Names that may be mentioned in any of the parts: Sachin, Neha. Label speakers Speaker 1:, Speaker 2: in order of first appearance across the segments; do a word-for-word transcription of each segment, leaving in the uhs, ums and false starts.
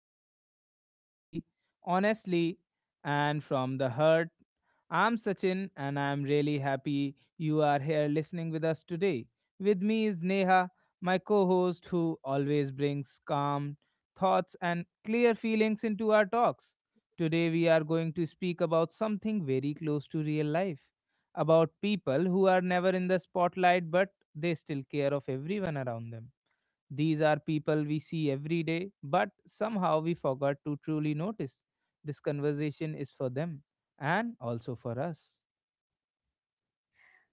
Speaker 1: where we talk slowly, honestly, and from the heart. I'm Sachin, and I'm really happy you are here listening with us today. With me is Neha, my co host, who always brings calm thoughts and clear feelings into our talks. Today, we are going to speak about something very close to real life, about people who are never in the spotlight but they still care of everyone around them. These are people we see every day, but somehow we forgot to truly notice. This conversation is for them and also for us.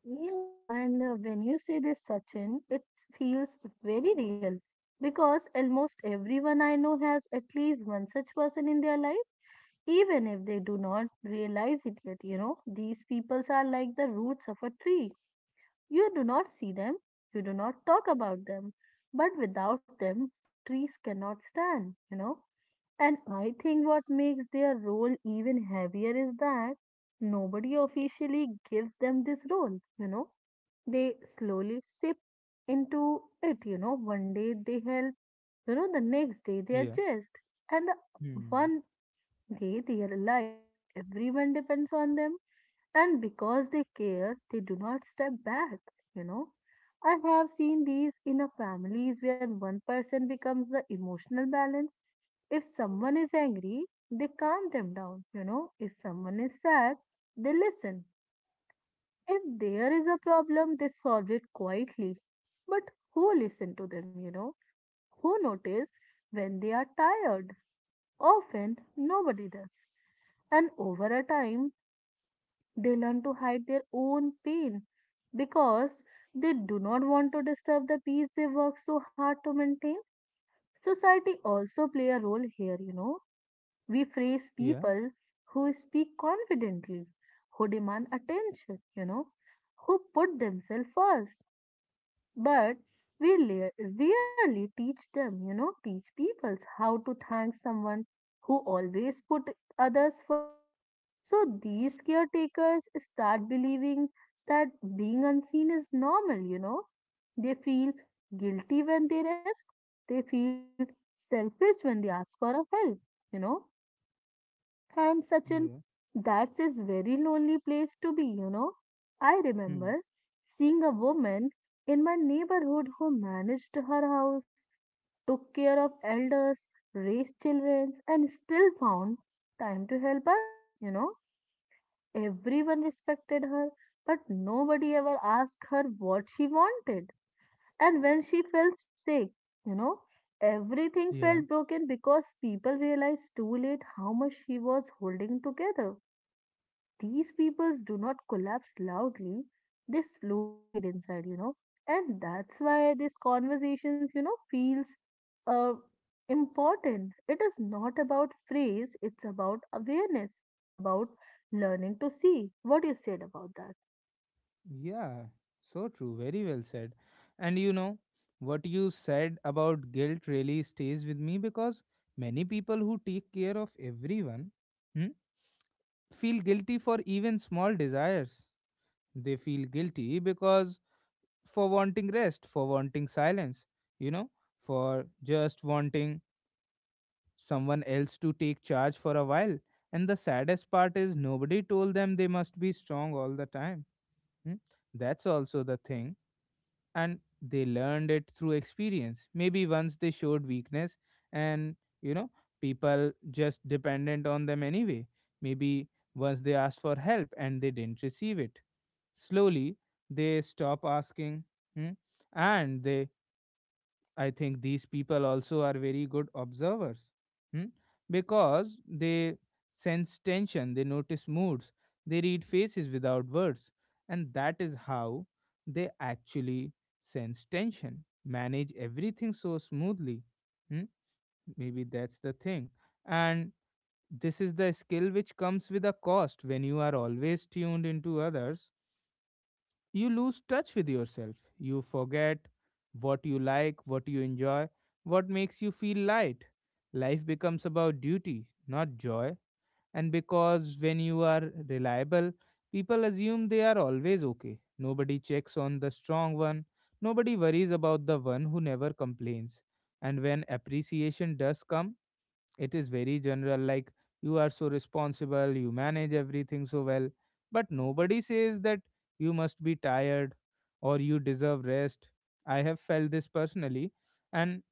Speaker 2: Yeah, and uh, when you say this, Sachin, it feels very real because almost everyone I know has at least one such person in their life, even if they do not realize it yet. You know, these peoples are like the roots of a tree. You do not see them, you do not talk about them, but without them, the trees cannot stand, you know. And I think what makes their role even heavier is that nobody officially gives them this role, you know, they slowly sip into it, you know. One day they help, you know, the next day they
Speaker 1: Yeah.
Speaker 2: adjust. And the
Speaker 1: Hmm.
Speaker 2: one day they realize that everyone depends on them. And because they care, they do not step back, you know. I have seen these in a families where one person becomes the emotional balance. If someone is angry, they calm them down, you know. If someone is sad, they listen. If there is a problem, they solve it quietly. But who listen to them, you know? Who notice when they are tired? Often nobody does. And over a time, they learn to hide their own pain because they do not want to disturb the peace they work so hard to maintain. Society also play a role here, you know. We praise
Speaker 1: Yeah.
Speaker 2: people who speak confidently, who demand attention, you know, who put themselves first, but we le- really teach them, you know, teach people how to thank someone who always put others first. So these caretakers start believing that being unseen is normal, you know. They feel guilty when they rest. They feel selfish when they ask for a help, you know. And Sachin,
Speaker 1: Yeah.
Speaker 2: that's a very lonely place to be, you know. I
Speaker 1: Hmm.
Speaker 2: remember seeing a woman in my neighborhood who managed her house, took care of elders, raised children, and still found time to help others, you know. Everyone respected her, but nobody ever asked her what she wanted. And when she fell sick, you know, everything
Speaker 1: Yeah.
Speaker 2: felt broken because people realized too late how much she was holding together. These people do not collapse loudly, they slowly fade inside, you know. And that's why these conversations, you know, feels uh, important. It is not about phrase, it's about awareness. It's about learning to see. What you said about that?
Speaker 1: Yeah. So true. Very well said. And you know, what you said about guilt really stays with me because many people who take care of everyone, hmm, feel guilty for even small desires. They feel guilty because for wanting rest, for wanting silence, you know, for just wanting someone else to take charge for a while. And the saddest part is nobody told them they must be strong all the time. Hmm? That's also the thing. And they learned it through experience. Maybe once they showed weakness and, you know, people just dependent on them anyway. Maybe once they asked for help and they didn't receive it. Slowly, they stop asking. Hmm? And they, I think these people also are very good observers, hmm? Because they sense tension, they notice moods, they read faces without words, and that is how they actually sense tension, manage everything so smoothly. Hmm? Maybe that's the thing. And this is the skill which comes with a cost. When you are always tuned into others you lose touch with yourself. You forget what you like, what you enjoy, what makes you feel light. Life becomes about duty, not joy. And because when you are reliable, people assume they are always okay. Nobody checks on the strong one. Nobody worries about the one who never complains. And when appreciation does come, it is very general, like, you are so responsible, you manage everything so well. But nobody says that you must be tired or you deserve rest. I have felt this personally. And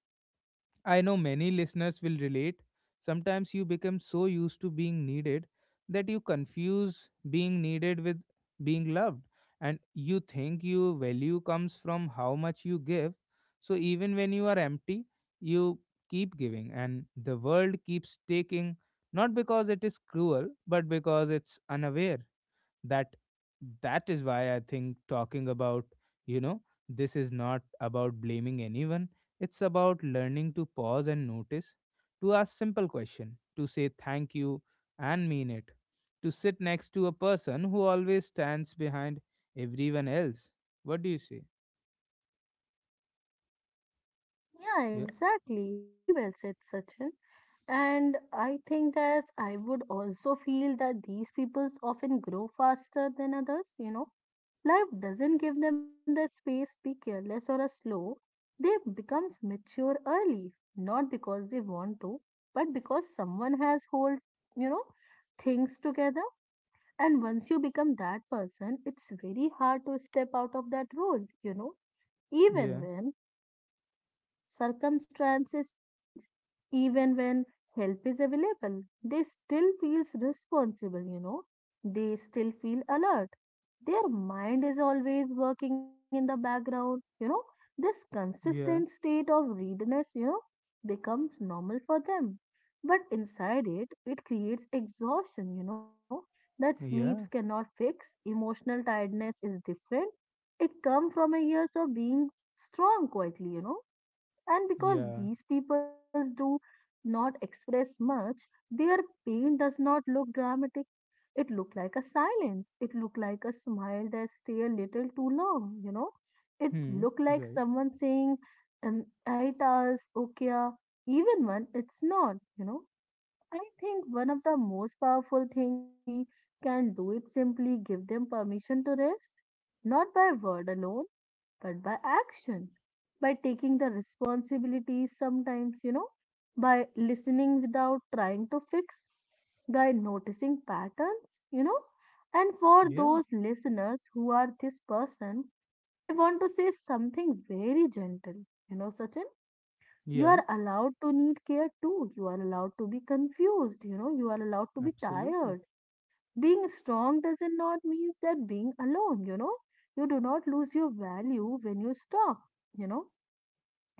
Speaker 1: I know many listeners will relate. Sometimes you become so used to being needed that you confuse being needed with being loved, and you think your value comes from how much you give. So even when you are empty, you keep giving, and the world keeps taking, not because it is cruel, but because it's unaware. That, that is why I think talking about, you know this is not about blaming anyone. It's about learning to pause and notice, to ask simple question, to say thank you and mean it, to sit next to a person who always stands behind everyone else. What do you say?
Speaker 2: Yeah,
Speaker 1: Yeah.
Speaker 2: exactly. Very well said, Sachin. And I think that I would also feel that these peoples often grow faster than others, you know. Life doesn't give them the space to be careless or a slow. They become mature early, not because they want to, but because someone has hold, you know, things together. And once you become that person, it's very hard to step out of that role, you know, even
Speaker 1: Yeah.
Speaker 2: when circumstances change, even when help is available. They still feels responsible, you know. They still feel alert. Their mind is always working in the background, you know. This consistent
Speaker 1: Yeah.
Speaker 2: state of readiness, you know, becomes normal for them. But inside it, it creates exhaustion, you know, that sleeps
Speaker 1: Yeah.
Speaker 2: cannot fix. Emotional tiredness is different. It comes from a years of being strong quietly, you know. And because
Speaker 1: Yeah.
Speaker 2: these peoples do not express much, their pain does not look dramatic. It look like a silence. It look like a smile that stay a little too long, you know. It
Speaker 1: Hmm.
Speaker 2: look like
Speaker 1: Right.
Speaker 2: someone saying, um, "Aitas, okia," even when it's not, you know. I think one of the most powerful things we can do is simply give them permission to rest, not by word alone but by action, by taking the responsibility sometimes, you know, by listening without trying to fix, by noticing patterns, you know. And for
Speaker 1: Yeah.
Speaker 2: those listeners who are this person, I want to say something very gentle. You know, Sachin, you
Speaker 1: Yeah.
Speaker 2: are allowed to need care too. You are allowed to be confused. You know, you are allowed to be
Speaker 1: Absolutely.
Speaker 2: tired. Being strong doesn't not means that being alone, you know. You do not lose your value when you stop, you know,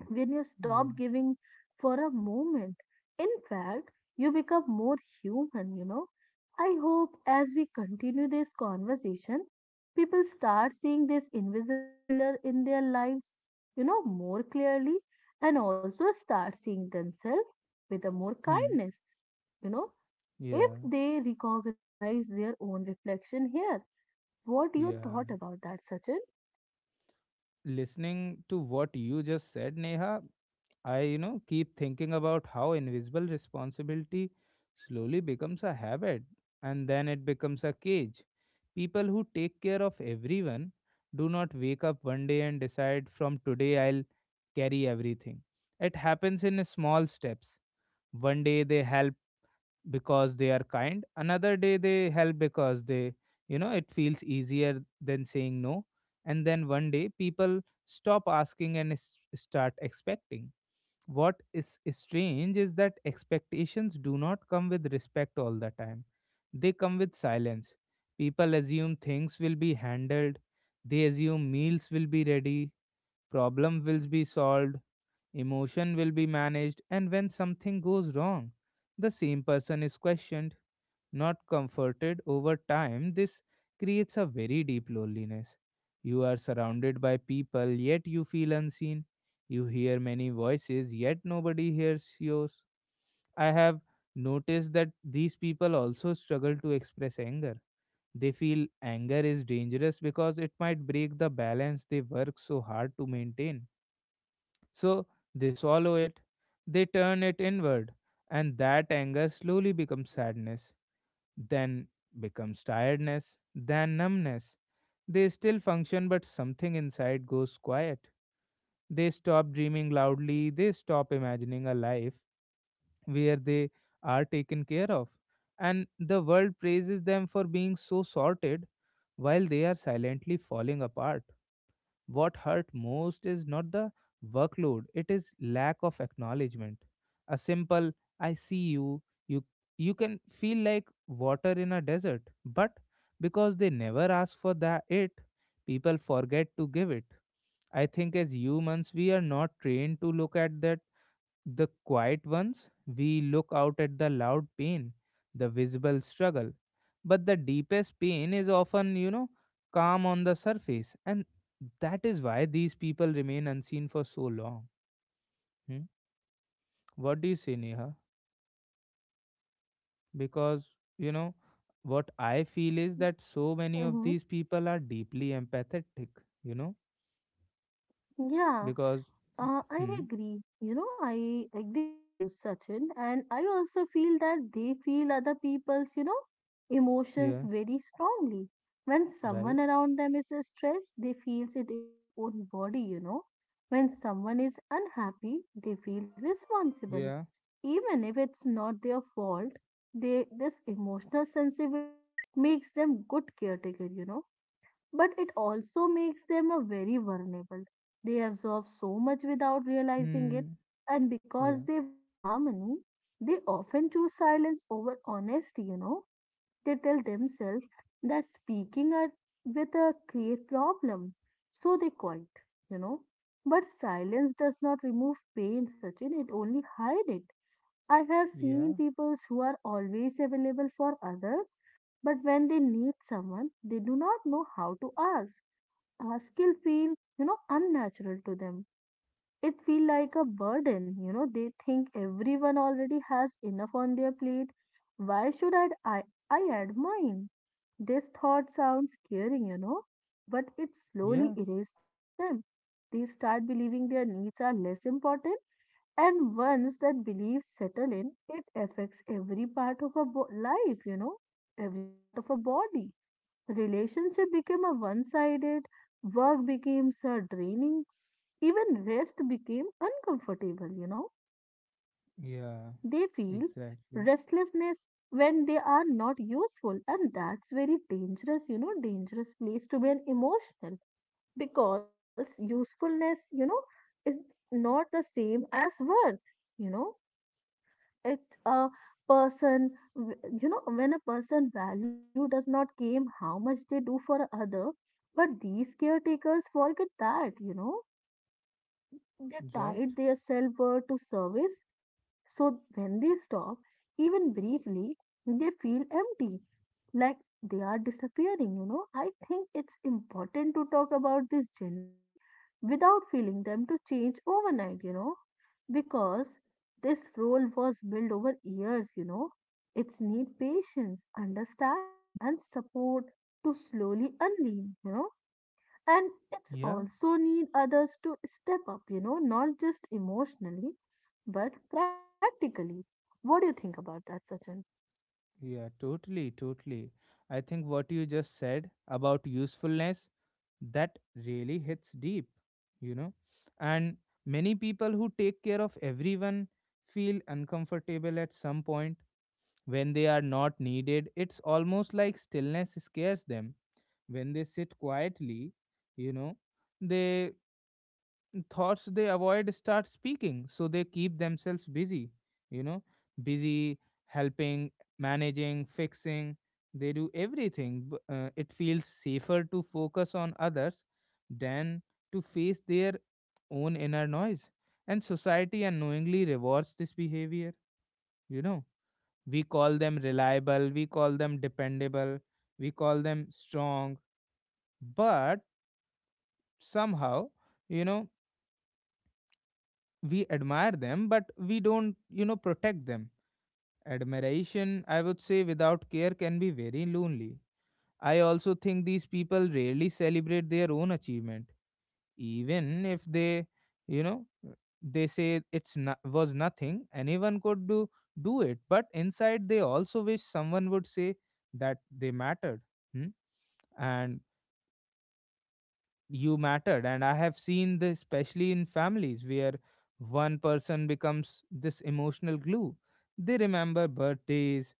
Speaker 2: when you stop
Speaker 1: Yeah.
Speaker 2: giving for a moment. In fact, you become more human, you know. I hope as we continue this conversation, people start seeing this invisible pillar in their lives, you know, more clearly, and also start seeing themselves with a more
Speaker 1: Hmm.
Speaker 2: kindness, you know, if
Speaker 1: Yeah.
Speaker 2: they recognize their own reflection here. What do you
Speaker 1: Yeah,
Speaker 2: thought about that, Sachin?
Speaker 1: listening to what you just said, Neha, I, you know, keep thinking about how invisible responsibility slowly becomes a habit and then it becomes a cage. People who take care of everyone do not wake up one day and decide, from today I'll carry everything. It happens in small steps. One day they help because they are kind, another day they help because, they you know it feels easier than saying no. And then one day people stop asking and s- start expecting. What is strange is that expectations do not come with respect all the time, they come with silence. People assume things will be handled, they assume meals will be ready, problem will be solved, emotion will be managed, and when something goes wrong the same person is questioned, not comforted. Over time, this creates a very deep loneliness. You are surrounded by people, yet you feel unseen. You hear many voices, yet nobody hears yours. I have noticed that these people also struggle to express anger. They feel anger is dangerous because it might break the balance they work so hard to maintain. So they swallow it, they turn it inward, and that anger slowly becomes sadness, then becomes tiredness, then numbness. They still function, but something inside goes quiet. They stop dreaming loudly, they stop imagining a life where they are taken care of. And the world praises them for being so sorted while they are silently falling apart. What hurt most is not the workload, it is lack of acknowledgement. A simple I see you, you you can feel like water in a desert, but because they never ask for that it, people forget to give it. I think as humans we are not trained to look at that, the quiet ones. We look out at the loud pain, the visible struggle. But the deepest pain is often, you know, calm on the surface. And that is why these people remain unseen for so long. Hmm? What do you say, Neha? Because, you know, what I feel is that so many of
Speaker 2: Mm-hmm.
Speaker 1: these people are deeply empathetic, you know,
Speaker 2: Yeah.
Speaker 1: because,
Speaker 2: Uh, I
Speaker 1: hmm,
Speaker 2: agree. You know, I agree with you, Sachin. And I also feel that they feel other people's, you know, emotions
Speaker 1: yeah,
Speaker 2: very strongly. When someone
Speaker 1: right,
Speaker 2: around them is stressed, they feels it in their own body, you know. When someone is unhappy, they feel responsible.
Speaker 1: yeah,
Speaker 2: Even if it's not their fault, they this emotional sensitivity makes them good caretaker, you know, but it also makes them a very vulnerable. They absorb so much without realizing it,
Speaker 1: hmm,
Speaker 2: and because
Speaker 1: yeah,
Speaker 2: they want harmony, they often choose silence over honesty, you know. They tell themselves that speaking are with a create problems, so they quiet, you know. But silence does not remove pain, Sachin, it only hide it. I have seen
Speaker 1: yeah,
Speaker 2: people who are always available for others, but when they need someone, they do not know how to ask. Uh, skill feel, you know, unnatural to them. It feel like a burden, you know. They think everyone already has enough on their plate. Why should i i, I add mine? This thought sounds scaring, you know, but it slowly
Speaker 1: yeah,
Speaker 2: erases them. They start believing their needs are less important, and once that belief settle in, it affects every part of a bo- life, you know, every part of a body. Relationship became a one sided, work became so draining, even rest became uncomfortable, you know. They
Speaker 1: yeah,
Speaker 2: feel
Speaker 1: exactly.
Speaker 2: restlessness when they are not useful, and that's very dangerous, you know, dangerous place to be an emotional, because usefulness, you know, is not the same as worth, you know. It's a person w- you know, when a person value does not came how much they do for other, but these caretakers forget that, you know. They
Speaker 1: Right?
Speaker 2: tied their self-worth to service, so when they stop, even briefly, they feel empty, like they are disappearing, you know. I think it's important to talk about this gently without feeling them to change overnight, you know, because this role was built over years, you know. It's need patience, understanding, and support to slowly unleash, you know. And it's
Speaker 1: Yeah,
Speaker 2: also need others to step up, you know, not just emotionally, but practically. What do you think about that, Sachin?
Speaker 1: yeah, totally, totally. I think what you just said about usefulness, that really hits deep, you know. And many people who take care of everyone feel uncomfortable at some point when they are not needed. It's almost like stillness scares them when they sit quietly, you know. They thoughts they avoid start speaking, so they keep themselves busy, you know busy helping, managing, fixing. They do everything b- uh, it feels safer to focus on others than to face their own inner noise. And society unknowingly rewards this behavior, you know we call them reliable, we call them dependable, we call them strong. But somehow, you know we admire them but we don't, you know protect them. Admiration, I would say, without care can be very lonely. I also think these people rarely celebrate their own achievement. Even if they, you know they say it's not, was nothing anyone could do, do it, but inside they also wish someone would say that they mattered. Hmm? And you mattered. And I have seen this especially in families where one person becomes this emotional glue. They remember birthdays,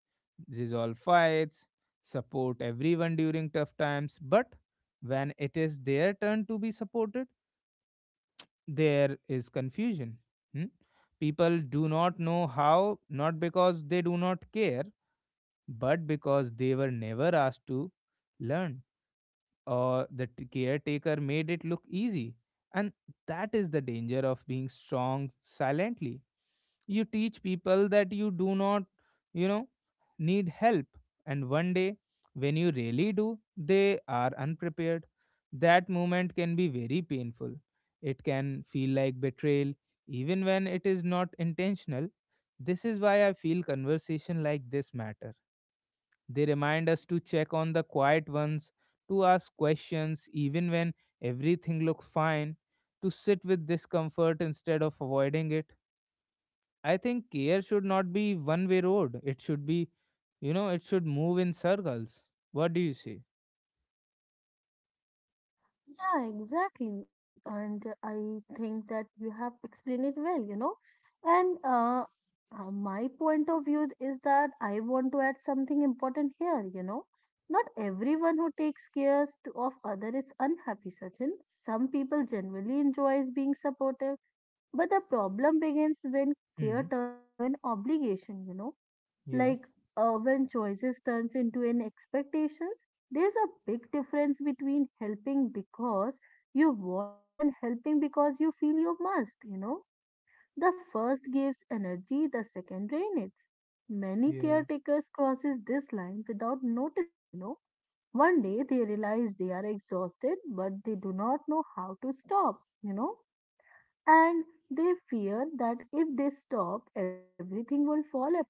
Speaker 1: resolve fights, support everyone during tough times, but when it is their turn to be supported there is confusion. Hmm? People do not know how, not because they do not care, but because they were never asked to learn, or the t- caretaker made it look easy. And that is the danger of being strong silently. You teach people that you do not, you know, need help. And one day, when you really do, they are unprepared. That moment can be very painful. It can feel like betrayal, even when it is not intentional. This is why I feel conversation like this matter. They remind us to check on the quiet ones, to ask questions even when everything looks fine, to sit with discomfort instead of avoiding it. I think care should not be one way road. It should be, you know, it should move in circles. What do you say?
Speaker 2: Yeah, exactly. And uh, I think that you have explained it well, you know. And uh, uh, my point of view is that I want to add something important here, you know. Not everyone who takes care to, of other is unhappy, Sachin. Some people generally enjoys being supportive, but the problem begins when care
Speaker 1: Hmm.
Speaker 2: turns into an obligation, you know,
Speaker 1: Yeah.
Speaker 2: like, uh, when choices turns into an expectations. There's a big difference between helping because you want to and helping because you feel you must, you know. The first gives energy, the second drains it. Many
Speaker 1: Yeah.
Speaker 2: caretakers crosses this line without noticing, you know. One day they realize they are exhausted but they do not know how to stop, you know, and they fear that if they stop, everything will fall apart.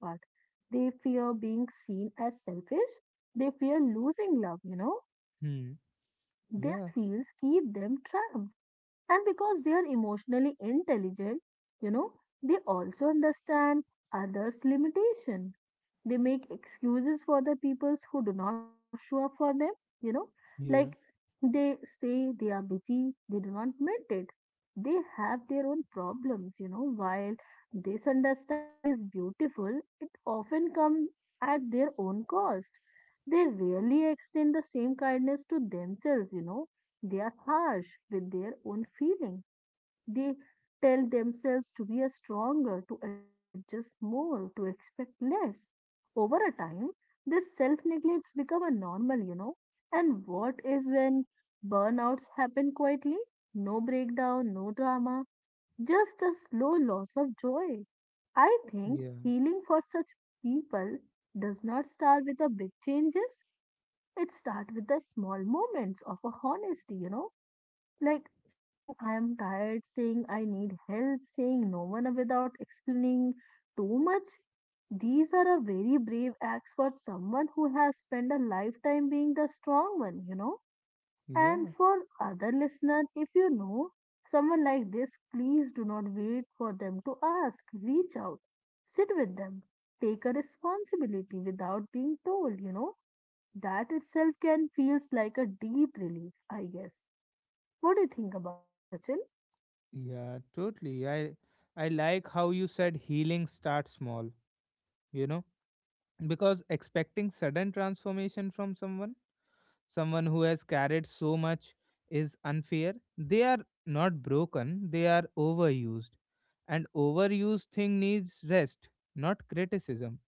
Speaker 2: They fear being seen as selfish. They fear losing love, you know.
Speaker 1: Hmm. Yeah.
Speaker 2: These fears keep them trapped. And because they are emotionally intelligent, you know, they also understand others' limitation. They make excuses for the peoples who do not show up for them, you know, like
Speaker 1: Yeah.
Speaker 2: they say they are busy, they do not meet it. They have their own problems, you know, while this understanding is beautiful, it often comes at their own cost. They rarely extend the same kindness to themselves, you know. They are harsh with their own feelings. They tell themselves to be a stronger, to adjust more, to expect less. Over a time, this self neglects become a normal, you know. And what is when burnouts happen quietly? No breakdown, no drama, just a slow loss of joy. I think
Speaker 1: Yeah.
Speaker 2: healing for such people does not start with the big changes. It starts with the small moments of a honesty, you know, like saying I am tired, saying I need help, saying no one without explaining too much. These are a very brave acts for someone who has spent a lifetime being the strong one, you know. And
Speaker 1: Yeah.
Speaker 2: for other listener, if you know someone like this, please do not wait for them to ask. Reach out, sit with them, take a responsibility without being told, you know. That itself can feels like a deep relief, I guess. What do you think about that, Sachin?
Speaker 1: Yeah. Totally. I I like how you said healing starts small, you know, because expecting sudden transformation from someone someone who has carried so much is unfair. They are not broken, they are overused. And overused thing needs rest, not criticism.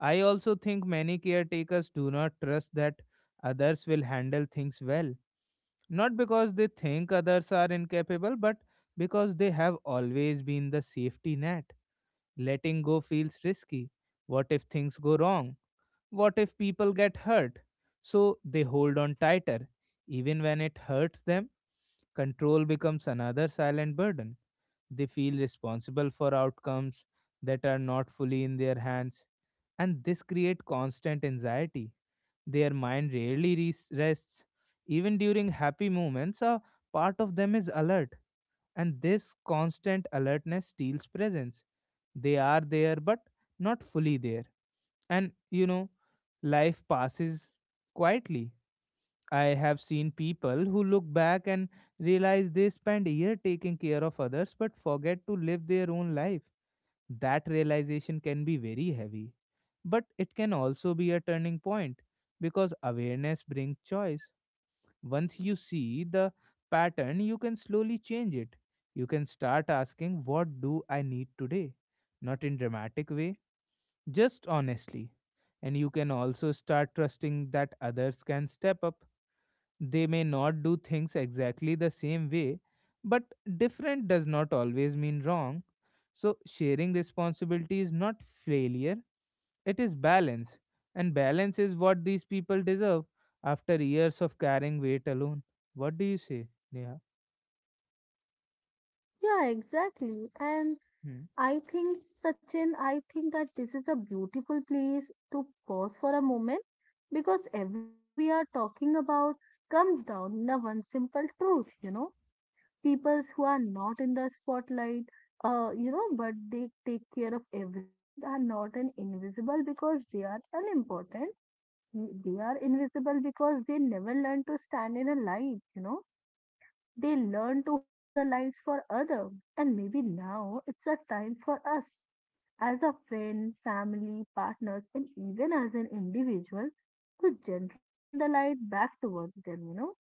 Speaker 1: I also think many caretakers do not trust that others will handle things well. Not because they think others are incapable, but because they have always been the safety net. Letting go feels risky. What if things go wrong? What if people get hurt? So they hold on tighter, even when it hurts them. Control becomes another silent burden. They feel responsible for outcomes that are not fully in their hands, and this creates constant anxiety. Their mind rarely res- rests. Even during happy moments, a part of them is alert, and this constant alertness steals presence. They are there, but not fully there. And you know, life passes quietly. I have seen people who look back and realize they spent a year taking care of others but forget to live their own life. That realization can be very heavy. But it can also be a turning point because awareness brings choice. Once you see the pattern, you can slowly change it. You can start asking, what do I need today? Not in dramatic way, just honestly. And you can also start trusting that others can step up. They may not do things exactly the same way, but different does not always mean wrong. So, sharing responsibility is not failure, it is balance, and balance is what these people deserve after years of carrying weight alone. What do you say, Neha?
Speaker 2: Yeah, exactly. And
Speaker 1: Hmm.
Speaker 2: I think, Sachin, I think that this is a beautiful place to pause for a moment because everything we are talking about comes down to one simple truth, you know. Peoples who are not in the spotlight, uh, you know, but they take care of everyone's are not an invisible because they are unimportant. They are invisible because they never learn to stand in a light, you know. They learn to hold the lights for other, and maybe now it's a time for us as a friend, family, partners, and even as an individual to gently turn the light back towards them, you know,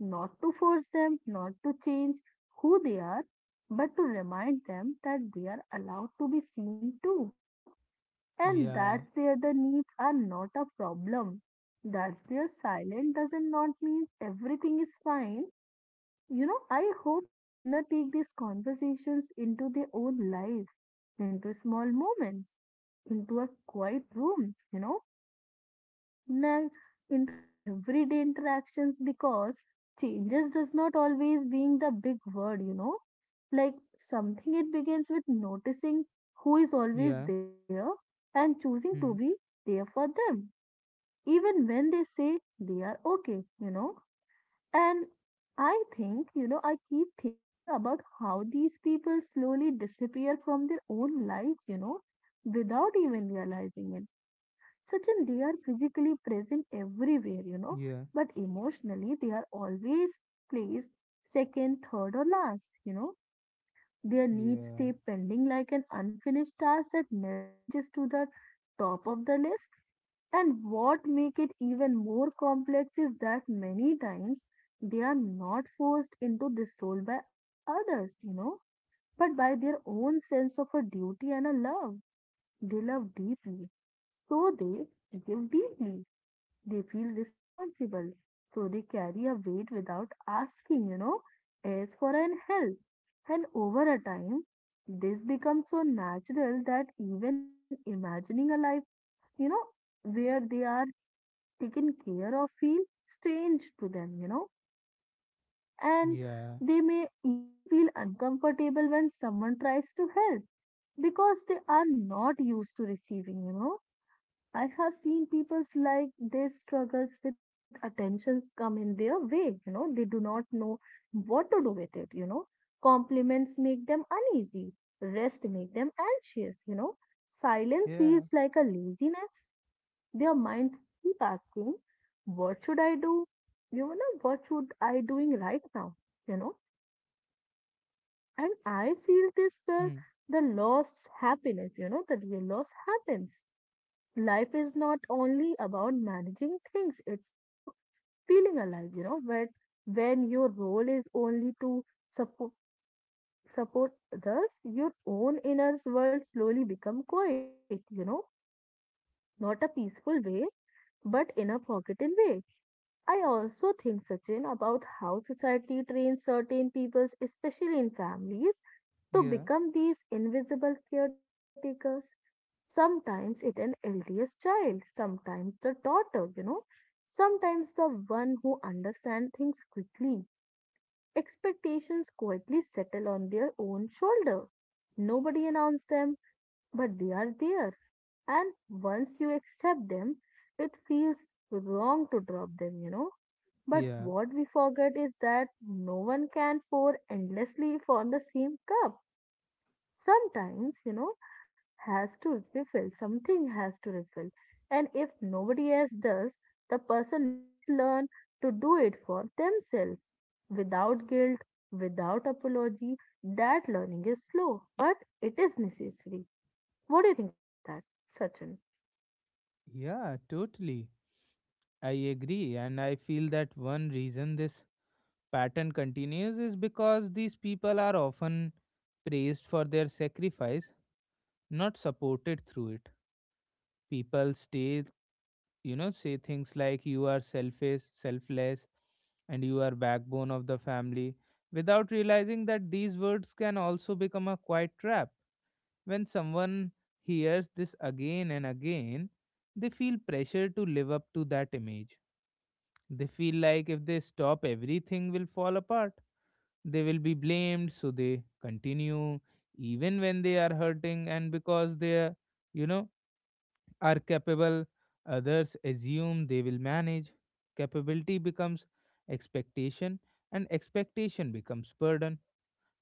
Speaker 2: not to force them, not to change who they are, but to remind them that they are allowed to be seen too, you know, and
Speaker 1: Yeah,
Speaker 2: that's their the needs are not a problem. That's their silent doesn't not mean everything is fine, you know, I hope listener take these conversations into their own life, into small moments, into a quiet rooms, you know, na- into an everyday interactions because changes does not always being the big word, you know. Like something it begins with noticing who is always
Speaker 1: yeah,
Speaker 2: there and choosing to be
Speaker 1: hmm.
Speaker 2: there for them, even when they say they are okay, you know. And I think, you know, I keep thinking about how these people slowly disappear from their own lives, you know, without even realizing it. Sachin, they are physically present everywhere, you know,
Speaker 1: Yeah,
Speaker 2: but emotionally they are always placed second, third, or last, you know. Their needs
Speaker 1: yeah,
Speaker 2: stay pending like an unfinished task that never reaches to the top of the list. And what make it even more complex is that many times they are not forced into this role by others, you know, but by their own sense of a duty and a love. They love deeply, so they give deeply. They feel responsible, so they carry a weight without asking, you know, as for an help. And over a time, this becomes so natural that even imagining a life, you know, where they are taken care of feel strange to them, you know, and
Speaker 1: yeah,
Speaker 2: they may even feel uncomfortable when someone tries to help because they are not used to receiving, you know. I have seen people's like their struggles with attentions come in their way, you know, they do not know what to do with it, you know. Compliments make them uneasy, rest make them anxious, you know. Silence
Speaker 1: yeah,
Speaker 2: feels like a laziness, their minds keep asking, what should I do? You know, what should I doing right now? You know, and I feel this where
Speaker 1: hmm.
Speaker 2: the lost happiness, you know, the real loss happens. Life is not only about managing things, it's about feeling alive, you know, but when your role is only to support support others, your own inner world slowly become quiet, you know, not a peaceful way, but in a forgotten way. I also think, Sachin, about how society trains certain peoples, especially in families, to
Speaker 1: Yeah,
Speaker 2: become these invisible caretakers. Sometimes it's an eldest child, sometimes the daughter, you know, sometimes the one who understands things quickly. Expectations quietly settle on their own shoulder. Nobody announced them, but they are there. And once you accept them, it feels wrong to drop them, you know, but
Speaker 1: yeah,
Speaker 2: what we forget is that no one can pour endlessly from the same cup. Sometimes, you know, has to refill, something has to refill. And if nobody else does, the person must learn to do it for themselves without guilt, without apology. That learning is slow, but it is necessary. What do you think about that, Sachin?
Speaker 1: yeah, totally. I agree, and I feel that one reason this pattern continues is because these people are often praised for their sacrifice, not supported through it. People stay you know say things like you are selfish selfless and you are backbone of the family without realizing that these words can also become a quiet trap. When someone hears this again and again, they feel pressure to live up to that image. They feel like if they stop everything will fall apart, they will be blamed, so they continue even when they are hurting. And because they are you know are capable, others assume they will manage. Capability becomes expectation, and expectation becomes burden.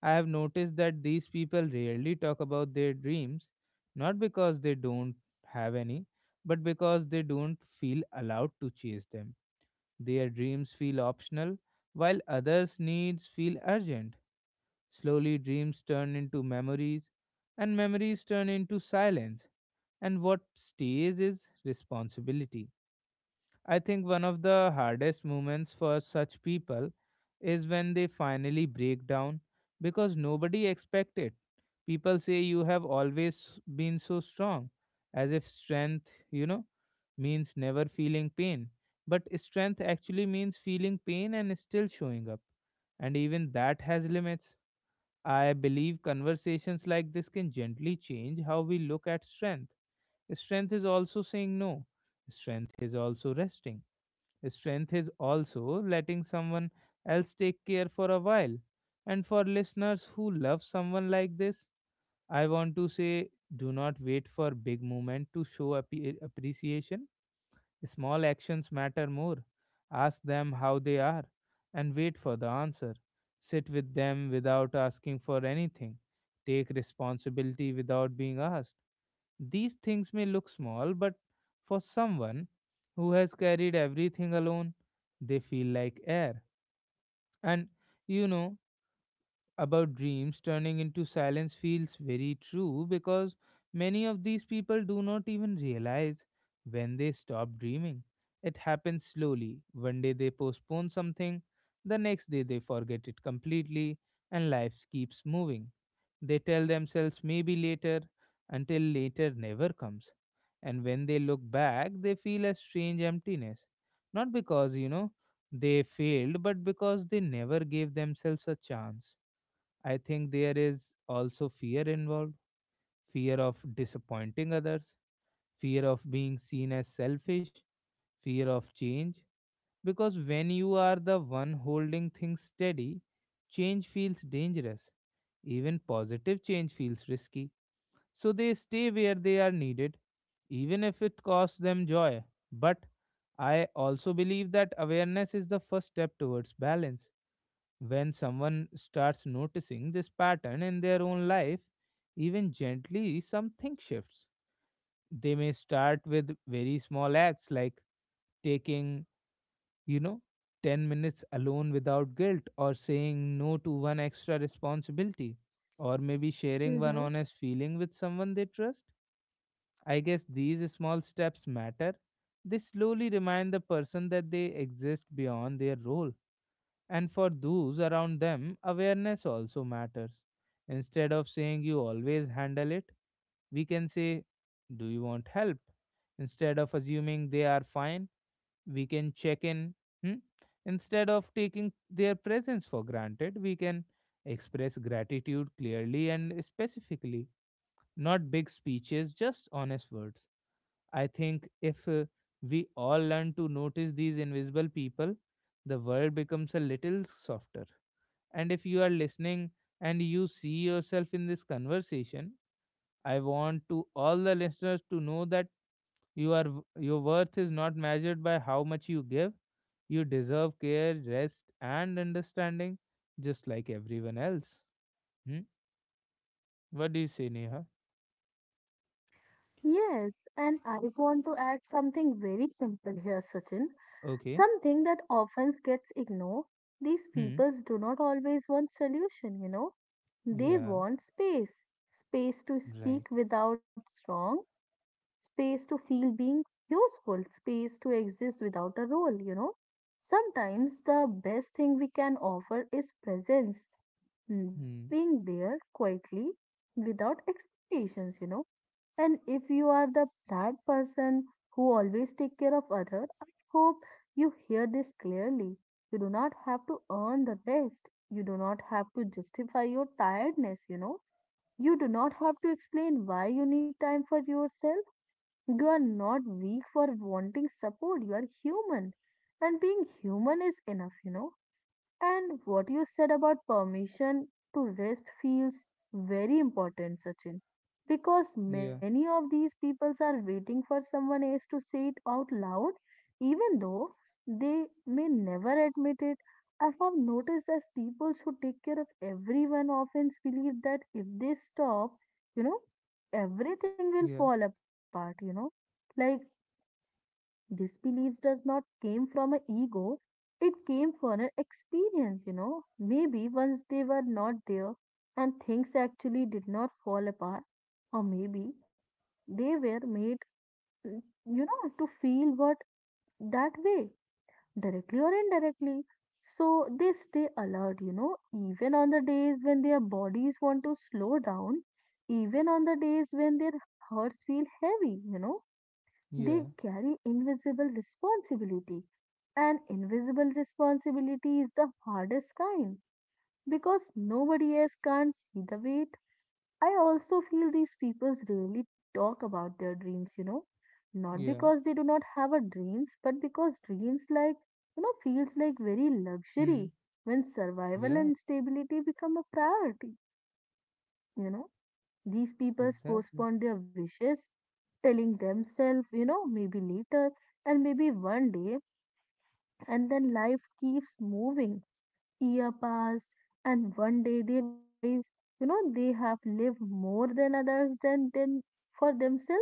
Speaker 1: I have noticed that these people rarely talk about their dreams, not because they don't have any, but because they don't feel allowed to chase them. Their dreams feel optional, while others' needs feel urgent. Slowly, dreams turn into memories, and memories turn into silence. And what stays is responsibility. I think one of the hardest moments for such people is when they finally break down, because nobody expected. People say you have always been so strong, as if strength, you know, means never feeling pain. But strength actually means feeling pain and still showing up. And even that has limits. I believe conversations like this can gently change how we look at strength. Strength is also saying no. Strength is also resting. Strength is also letting someone else take care for a while. And for listeners who love someone like this, I want to say, do not wait for big moment to show appe- appreciation. Small actions matter more. Ask them how they are and wait for the answer. Sit with them without asking for anything. Take responsibility without being asked. These things may look small, but for someone who has carried everything alone, they feel like air. And you know, about dreams turning into silence feels very true, because many of these people do not even realize when they stop dreaming. It happens slowly. One day they postpone something, the next day they forget it completely, and life keeps moving. They tell themselves maybe later, until later never comes. And when they look back, they feel a strange emptiness. Not because, you know, they failed, but because they never gave themselves a chance. I think there is also fear involved, fear of disappointing others, fear of being seen as selfish, fear of change. Because when you are the one holding things steady, change feels dangerous. Even positive change feels risky. So they stay where they are needed, even if it costs them joy. But I also believe that awareness is the first step towards balance. When someone starts noticing this pattern in their own life, even gently, something shifts. They may start with very small acts, like taking, you know, ten minutes alone without guilt, or saying no to one extra responsibility, or maybe sharing one
Speaker 2: Mm-hmm.
Speaker 1: honest feeling with someone they trust. I guess these small steps matter. They slowly remind the person that they exist beyond their role. And for those around them, awareness also matters. Instead of saying you always handle it, we can say, do you want help? Instead of assuming they are fine, we can check in. Hmm? Instead of taking their presence for granted, we can express gratitude clearly and specifically, not big speeches, just honest words. I think if uh, we all learn to notice these invisible people, the world becomes a little softer. And if you are listening and you see yourself in this conversation, I want to all the listeners to know that you are w- your worth is not measured by how much you give. You deserve care, rest, and understanding, just like everyone else. Hmm? What do you say, Neha?
Speaker 2: Yes, and I want to add something very simple here, Sachin.
Speaker 1: Okay.
Speaker 2: Something that often gets ignored. These
Speaker 1: Hmm.
Speaker 2: peoples do not always want solution, you know. They
Speaker 1: Yeah.
Speaker 2: want space. Space to
Speaker 1: Right.
Speaker 2: speak without strong, space to feel being useful, space to exist without a role, you know. Sometimes the best thing we can offer is presence. Mm, just
Speaker 1: Hmm.
Speaker 2: being there quietly without expectations, you know, and if you are the that person who always take care of other, I hope you hear this clearly. You do not have to earn the rest, you do not have to justify your tiredness, you know, you do not have to explain why you need time for yourself. You are not weak for wanting support, you are human, and being human is enough, you know. And what you said about permission to rest feels very important, Sachin, because
Speaker 1: Yeah.
Speaker 2: many of these peoples are waiting for someone else to say it out loud, even though they may never admit it. I have noticed that people who take care of everyone often believe that if they stop, you know, everything will
Speaker 1: Yeah.
Speaker 2: fall apart, you know. Like this beliefs does not came from an ego. It came from an experience, you know. Maybe once they were not there and things actually did not fall apart, or maybe they were made, mm, you know, to feel what that way, directly or indirectly. So they stay alert, you know, even on the days when their bodies want to slow down, even on the days when their hearts feel heavy, you know, they
Speaker 1: Yeah.
Speaker 2: carry invisible responsibility. And invisible responsibility is the hardest kind because nobody else can't see the weight. I also feel these people rarely talk about their dreams, you know, not
Speaker 1: Yeah.
Speaker 2: because they do not have a dreams, but because dreams like, you know, feels like very luxury
Speaker 1: Hmm.
Speaker 2: when survival
Speaker 1: Yeah.
Speaker 2: and stability become a priority, you know. These people
Speaker 1: Exactly.
Speaker 2: postpone their wishes telling themselves, you know, maybe later and maybe one day. And then life keeps moving. Year pass, and one day they realize, you know, they have lived more than others than than for themselves.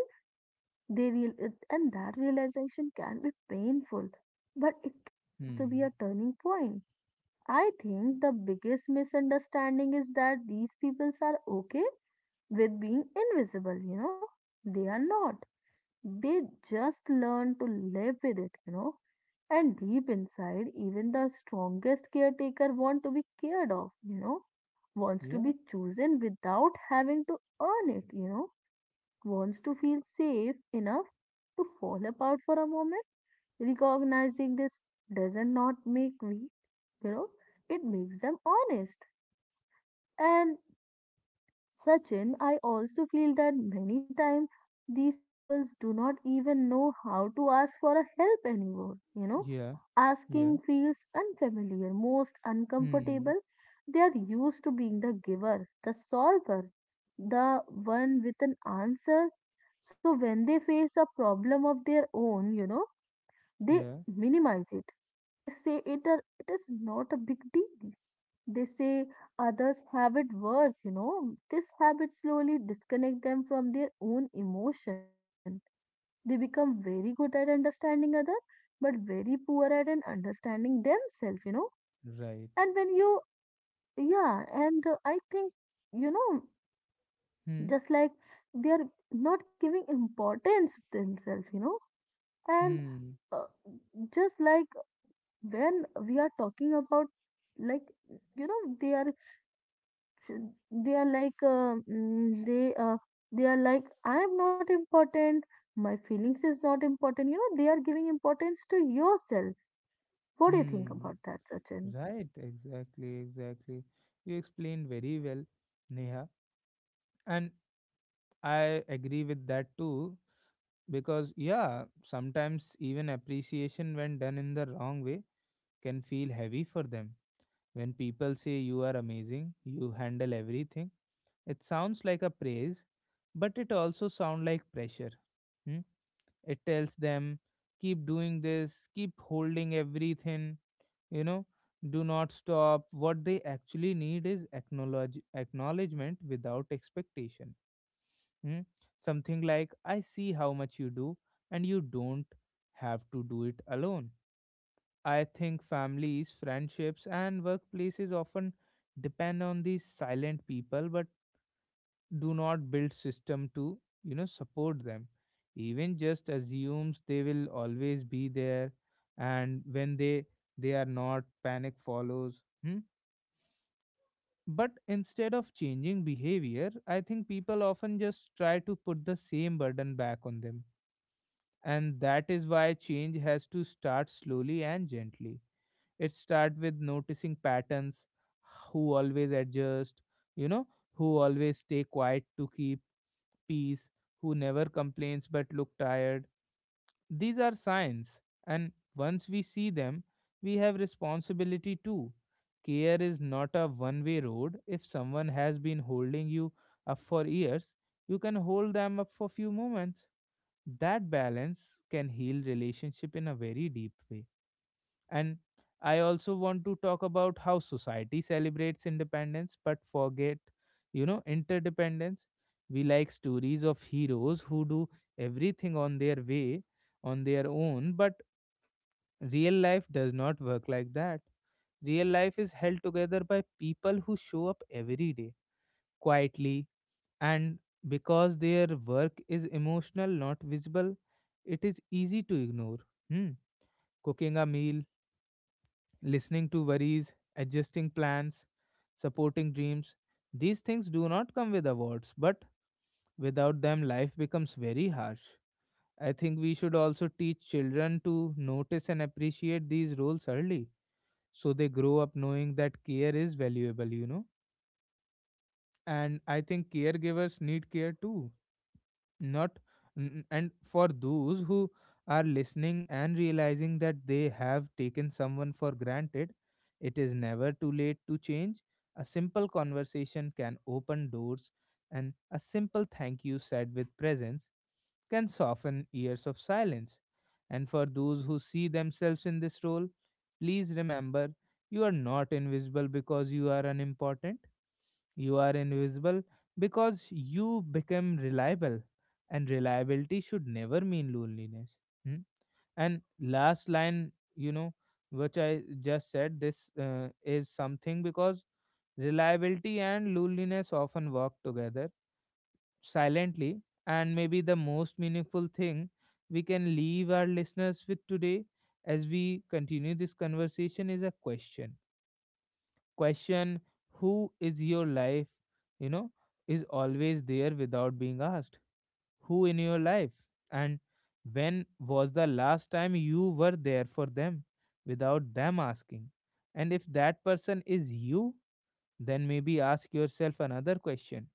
Speaker 2: They real And that realization can be painful, but it can also be
Speaker 1: Hmm.
Speaker 2: a turning point. I think the biggest misunderstanding is that these peoples are okay with being invisible, you know. They are not. They just learn to live with it, you know. And deep inside, even the strongest caretaker want to be cared of, you know, wants to
Speaker 1: Yeah.
Speaker 2: be chosen without having to earn it, you know, wants to feel safe enough to fall apart for a moment. Recognizing this doesn't not make weak, you know, it makes them honest. And Sachin, I also feel that many times these people do not even know how to ask for a help anymore. You know,
Speaker 1: Yeah. Yeah.
Speaker 2: asking feels unfamiliar, most
Speaker 1: Hmm.
Speaker 2: uncomfortable. They are used to being the giver, the solver, the one with an answer. So when they face a problem of their own, you know, they
Speaker 1: Yeah.
Speaker 2: minimize it. They say it, are, it is not a big deal, they say others have it worse, you know. This habit slowly disconnect them from their own emotion. They become very good at understanding others, but very poor at an understanding themselves, you know.
Speaker 1: Right.
Speaker 2: And when you, yeah, and uh, I think, you know,
Speaker 1: Hmm.
Speaker 2: just like they are not giving importance to themselves, you know. And
Speaker 1: Hmm.
Speaker 2: uh, just like when we are talking about like you know they are sh- they are like uh, mm, they uh, they are like, I am not important, my feelings is not important, you know, they are giving importance to yourself. What do you think
Speaker 1: Hmm.
Speaker 2: about that, Sachin?
Speaker 1: Right. Exactly. Exactly. You explained very well, Neha, and I agree with that too. Because yeah, sometimes even appreciation, when done in the wrong way, can feel heavy for them. When people say you are amazing, you handle everything, it sounds like a praise, but it also sounds like pressure. Hmm? It tells them keep doing this, keep holding everything, you know do not stop. What they actually need is acknowledge acknowledgement without expectation. Hmm? Something like I see how much you do, and you don't have to do it alone. I think families, friendships and workplaces often depend on these silent people, but do not build system to you know support them. Even just assumes they will always be there, and when they they are not, panic follows. Hmm. But instead of changing behavior, I think people often just try to put the same burden back on them. And that is why change has to start slowly and gently. It starts with noticing patterns, who always adjust, you know, who always stay quiet to keep peace, who never complains but look tired. These are signs, and once we see them, we have responsibility too. Care is not a one way road. If someone has been holding you up for years, you can hold them up for few moments. That balance can heal relationship in a very deep way. And I also want to talk about how society celebrates independence but forget, you know, interdependence. We like stories of heroes who do everything on their way, on their own, but real life does not work like that. Real life is held together by people who show up every day, quietly, and because their work is emotional, not visible, it is easy to ignore. Hmm. Cooking a meal, listening to worries, adjusting plans, supporting dreams. These things do not come with awards, but without them, life becomes very harsh. I think we should also teach children to notice and appreciate these roles early, so they grow up knowing that care is valuable, you know. And I think caregivers need care too. Not n- And for those who are listening and realizing that they have taken someone for granted, it is never too late to change. A simple conversation can open doors, and a simple thank you said with presence can soften years of silence. And for those who see themselves in this role, please remember, you are not invisible because you are unimportant. You are invisible because you become reliable, and reliability should never mean loneliness. Hmm? And last line, you know, which I just said, this uh, is something, because reliability and loneliness often work together silently, and maybe the most meaningful thing we can leave our listeners with today as we continue this conversation is a question. Question, who is your life you know is always there without being asked? Who in your life, and when was the last time you were there for them without them asking? And if that person is you, then maybe ask yourself another question: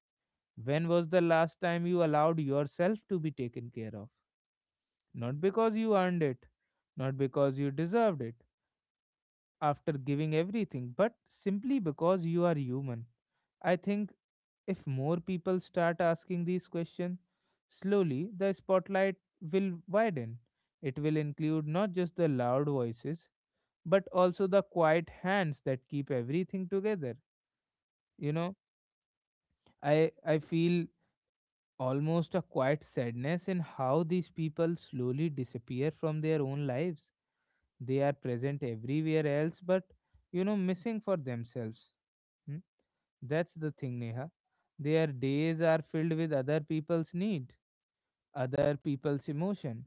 Speaker 1: when was the last time you allowed yourself to be taken care of, not because you earned it, not because you deserved it after giving everything, but simply because you are human? I think, if more people start asking these questions, slowly the spotlight will widen. It will include not just the loud voices, but also the quiet hands that keep everything together. You know, I, I feel almost a quiet sadness in how these people slowly disappear from their own lives. They are present everywhere else, but, you know, missing for themselves. Hmm? That's the thing, Neha. Their days are filled with other people's need, other people's emotion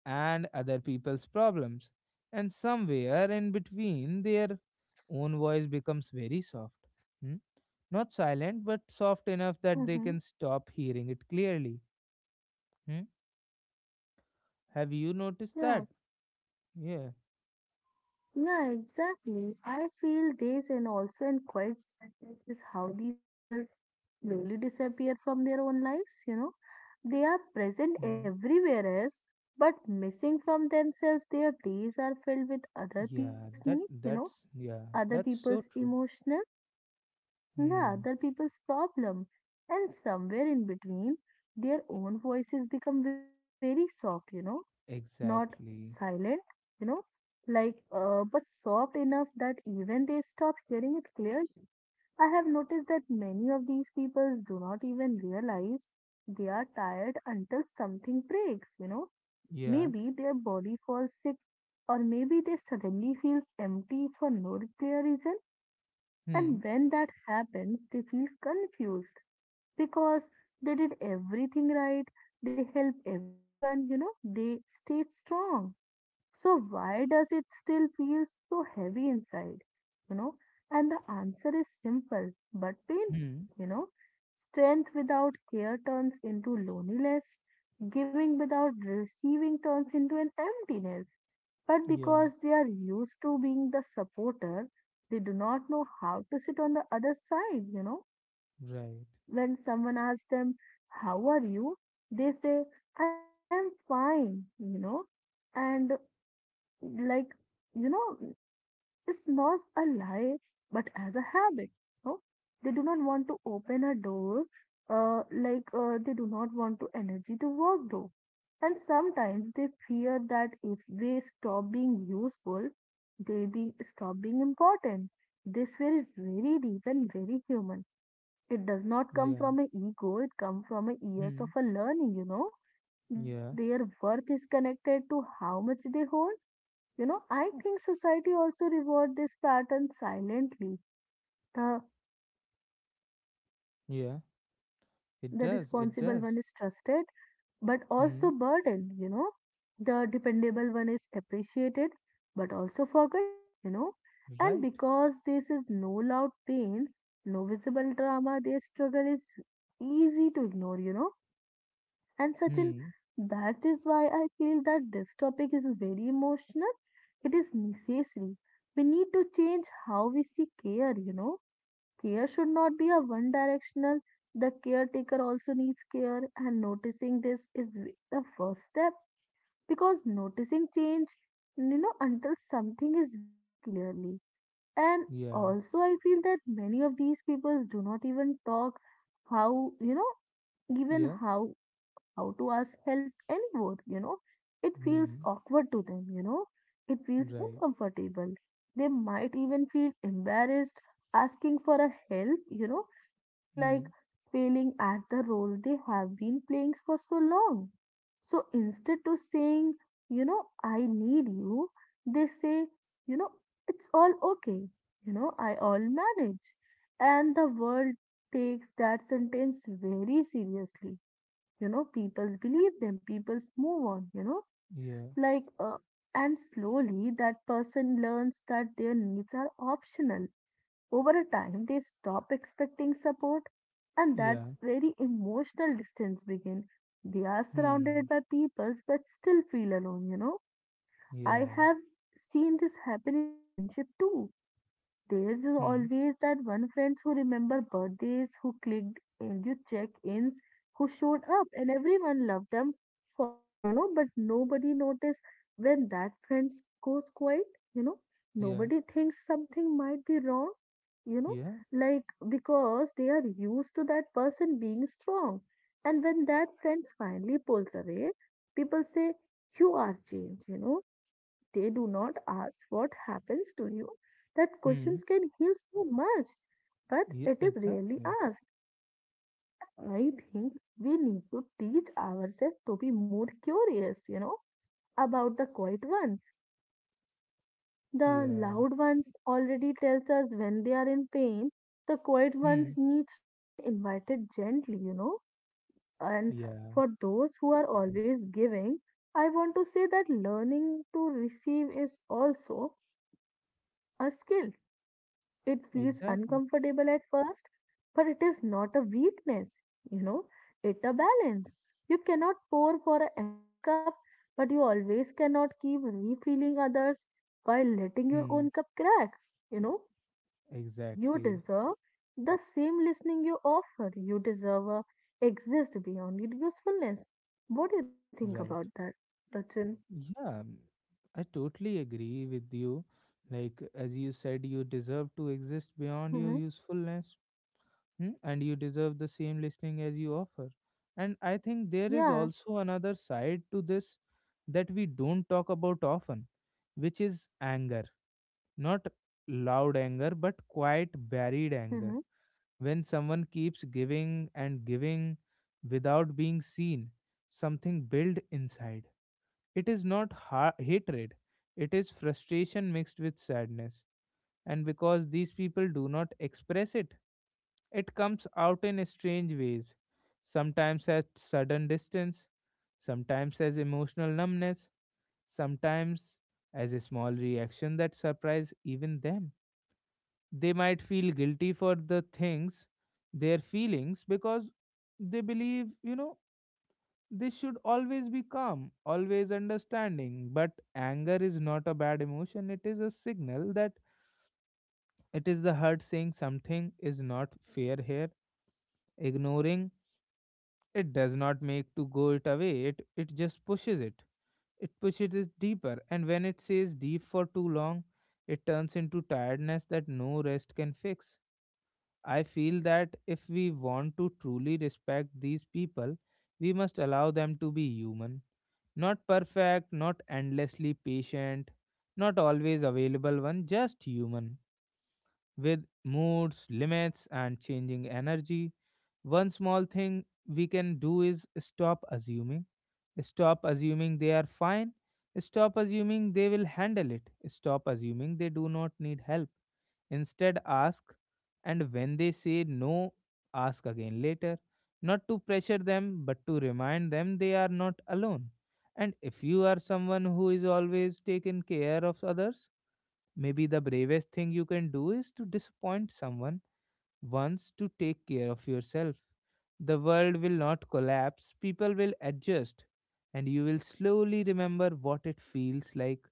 Speaker 1: and other people's problems, and somewhere in between their own voice becomes very soft. Hmm? Not silent, but soft enough that they
Speaker 2: Mm-hmm.
Speaker 1: can stop hearing it clearly. Hmm? Have you noticed
Speaker 2: Yeah,
Speaker 1: that? Yeah.
Speaker 2: yeah, exactly. I feel this and also in quiet sadness is how these people slowly disappear from their own lives, you know. They are present
Speaker 1: Hmm.
Speaker 2: everywhere else, but missing from themselves, their days are filled with other
Speaker 1: Yeah,
Speaker 2: people's
Speaker 1: that
Speaker 2: needs, you know.
Speaker 1: that's yeah,
Speaker 2: Other
Speaker 1: that's so
Speaker 2: people's
Speaker 1: true.
Speaker 2: emotional, yeah,
Speaker 1: Hmm.
Speaker 2: other people's problem, and somewhere in between, their own voices become very soft, you know, not
Speaker 1: Exactly.
Speaker 2: silent, you know, like uh, but soft enough that even they stop hearing it clearly. I have noticed that many of these people do not even realize they are tired until something breaks, you know.
Speaker 1: Yeah.
Speaker 2: Maybe their body falls sick, or maybe they suddenly feels empty for no clear reason,
Speaker 1: Hmm.
Speaker 2: and when that happens, they feel confused because they did everything right. They help everyone, you know, they stayed strong. So, why does it still feel so heavy inside? You know, and the answer is simple but
Speaker 1: Hmm.
Speaker 2: painful. You know, strength without care turns into loneliness, giving without receiving turns into an emptiness. But
Speaker 1: Yeah.
Speaker 2: because they are used to being the supporter, they do not know how to sit on the other side. You know,
Speaker 1: Right.
Speaker 2: when someone asks them, how are you? They say, I am fine, you know, and like you know it's not a lie, but as a habit, no, they do not want to open a door, uh, like uh, they do not want to energy to work though. And sometimes they fear that if they stop being useful, they be stop being important. This fear is very deep and very human. It does not come
Speaker 1: Yeah.
Speaker 2: from an ego, it comes from a years of
Speaker 1: Hmm.
Speaker 2: a learning, you know, that
Speaker 1: Yeah.
Speaker 2: their worth is connected to how much they hold. You know, I think society also reward this pattern silently. The
Speaker 1: Yeah, it
Speaker 2: the
Speaker 1: does it
Speaker 2: responsible
Speaker 1: does
Speaker 2: one is trusted, but
Speaker 1: Hmm.
Speaker 2: also burdened, you know. The dependable one is appreciated, but also forgotten, you know. And
Speaker 1: Right.
Speaker 2: because this is no loud pain, no visible drama, their struggle is easy to ignore, you know. And Sachin,
Speaker 1: Hmm.
Speaker 2: that is why I feel that this topic is very emotional. It is necessary. We need to change how we see care, you know Care should not be a one directional. The caretaker also needs care, and noticing this is v- the first step because noticing change, you know, until something is very clearly. And
Speaker 1: Yeah.
Speaker 2: also, I feel that many of these people do not even talk how, you know, even
Speaker 1: Yeah.
Speaker 2: how how to ask help anymore, you know. It feels
Speaker 1: Hmm.
Speaker 2: awkward to them, you know. It feels
Speaker 1: Right.
Speaker 2: uncomfortable. They might even feel embarrassed asking for a help, you know, feeling
Speaker 1: Hmm.
Speaker 2: like failing at the role they have been playing for so long. So instead to saying, you know, I need you, they say, you know, it's all okay. You know, I all manage. And the world takes that sentence very seriously you know People believe them, people move on you know
Speaker 1: Yeah.
Speaker 2: like uh, and slowly that person learns that their needs are optional over a time they stop expecting support and that
Speaker 1: Yeah.
Speaker 2: very emotional distance begin they are surrounded
Speaker 1: Hmm.
Speaker 2: by people but still feel alone you know I
Speaker 1: Yeah.
Speaker 2: have seen this happen in a friendship too there's
Speaker 1: Hmm.
Speaker 2: always that one friend who remember birthdays, who clicked and you check-ins, who showed up, and everyone loved them for it, you know. But nobody noticed when that friend goes quiet, you know.
Speaker 1: Yeah.
Speaker 2: Nobody thinks something might be wrong, you know,
Speaker 1: Yeah.
Speaker 2: like because they are used to that person being strong. And when that friend finally pulls away, people say, "You are changed," you know They do not ask what happens to you. That
Speaker 1: Hmm.
Speaker 2: questions can heal so much, but
Speaker 1: Yeah.
Speaker 2: it is rarely
Speaker 1: Exactly.
Speaker 2: asked. I think we need to teach ourselves to be more curious, you know, about the quiet ones. The
Speaker 1: Yeah.
Speaker 2: loud ones already tells us when they are in pain. The quiet ones
Speaker 1: Hmm.
Speaker 2: needs to be an invited gently, you know. And
Speaker 1: Yeah.
Speaker 2: for those who are always giving, I want to say that learning to receive is also a skill. It feels
Speaker 1: Exactly.
Speaker 2: uncomfortable at first, but it is not a weakness, you know, it's a balance. You cannot pour for an empty cup, but you always cannot keep refilling others while letting your
Speaker 1: Hmm.
Speaker 2: own cup crack. You know, you
Speaker 1: Exactly.
Speaker 2: deserve the same listening you offer. You deserve a exist beyond your usefulness. What do you think about
Speaker 1: Right.
Speaker 2: that, Sachin?
Speaker 1: Yeah. I totally agree with you. Like as you said, you deserve to exist beyond
Speaker 2: Hmm.
Speaker 1: your usefulness. Hmm? And you deserve the same listening as you offer. And I think there is
Speaker 2: Yeah.
Speaker 1: also another side to this that we don't talk about often, which is anger. Not loud anger, but quiet, buried
Speaker 2: Mm-hmm.
Speaker 1: anger. When someone keeps giving and giving without being seen, something built inside. It is not ha- hatred, it is frustration mixed with sadness. And because these people do not express it, it comes out in strange ways, sometimes as sudden distance, sometimes as emotional numbness, sometimes as a small reaction that surprise even them. They might feel guilty for the things, their feelings, because they believe, you know, they should always be calm, always understanding. But anger is not a bad emotion, it is a signal that it is the heart saying something is not fair here. Ignoring it does not make to go it away. It it just pushes it. It pushes it deeper, and when it stays deep for too long, it turns into tiredness that no rest can fix. I feel that if we want to truly respect these people, we must allow them to be human. Not perfect, not endlessly patient, not always available one, just human with moods, limits, and changing energy. One small thing we can do is stop assuming. Stop assuming they are fine. Stop assuming they will handle it. Stop assuming they do not need help. Instead, ask, and when they say no, ask again later. Not to pressure them, but to remind them they are not alone. And if you are someone who is always taking care of others, maybe the bravest thing you can do is to disappoint someone once to take care of yourself. The world will not collapse, people will adjust, and you will slowly remember what it feels like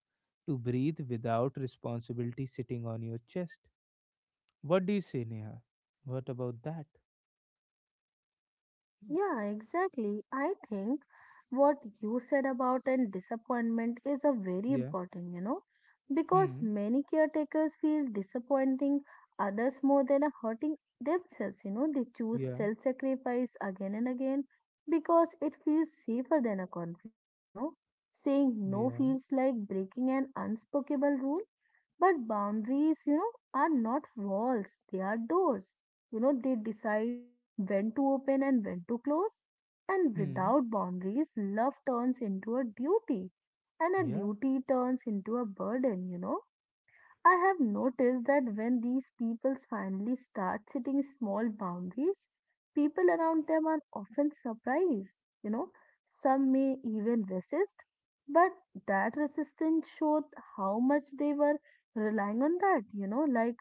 Speaker 1: to breathe without responsibility sitting on your chest. What do you say, Neha? What about that?
Speaker 2: Yeah, exactly. I think what you said about and disappointment is a very
Speaker 1: Yeah.
Speaker 2: important, you know, because
Speaker 1: Hmm.
Speaker 2: many caretakers feel disappointing others more than a hurting themselves, you know, they choose
Speaker 1: Yeah.
Speaker 2: self-sacrifice again and again because it feels safer than a conflict, you know. Saying no
Speaker 1: Yeah.
Speaker 2: feels like breaking an unspoken rule, but boundaries, you know, are not walls, they are doors. You know, they decide when to open and when to close. And
Speaker 1: Hmm.
Speaker 2: without boundaries, love turns into a duty, and a
Speaker 1: Yeah.
Speaker 2: duty turns into a burden, you know. I have noticed that when these people finally start setting small boundaries, people around them are often surprised. You know, some may even resist, but that resistance showed how much they were relying on that, you know, like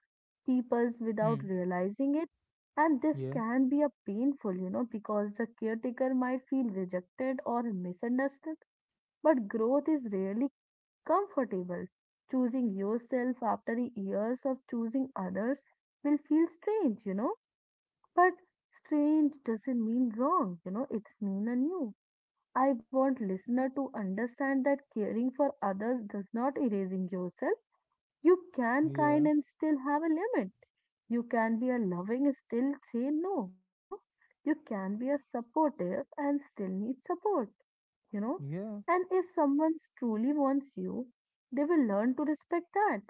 Speaker 2: people's without
Speaker 1: Hmm.
Speaker 2: realizing it. And this
Speaker 1: Yeah.
Speaker 2: can be a painful, you know, because the caretaker might feel rejected or misunderstood. But growth is rarely comfortable. Choosing yourself after years of choosing others will feel strange, you know. But strange doesn't mean wrong, you know, it's mean a new. I want listener to understand that caring for others does not erasing yourself. You can
Speaker 1: Yeah.
Speaker 2: kind and still have a limit. You can be a loving and still say no, you know. You can be a supportive and still need support you know.
Speaker 1: Yeah.
Speaker 2: And if someone truly wants you, they will learn to respect that.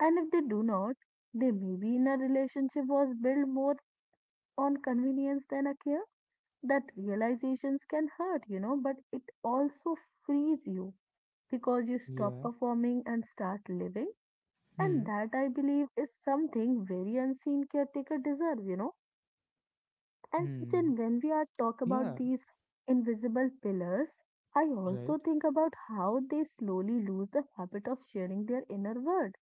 Speaker 2: And if they do not, they may be in a relationship was built more on convenience than a care. That realizations can hurt, you know, but it also frees you because you stop
Speaker 1: Yeah.
Speaker 2: performing and start living. And
Speaker 1: Hmm.
Speaker 2: that I believe is something very unseen caretaker deserve, you know and
Speaker 1: Hmm.
Speaker 2: Sachin, when we are talk about
Speaker 1: Yeah.
Speaker 2: these invisible pillars, I also
Speaker 1: Right.
Speaker 2: think about how they slowly lose the habit of sharing their inner world.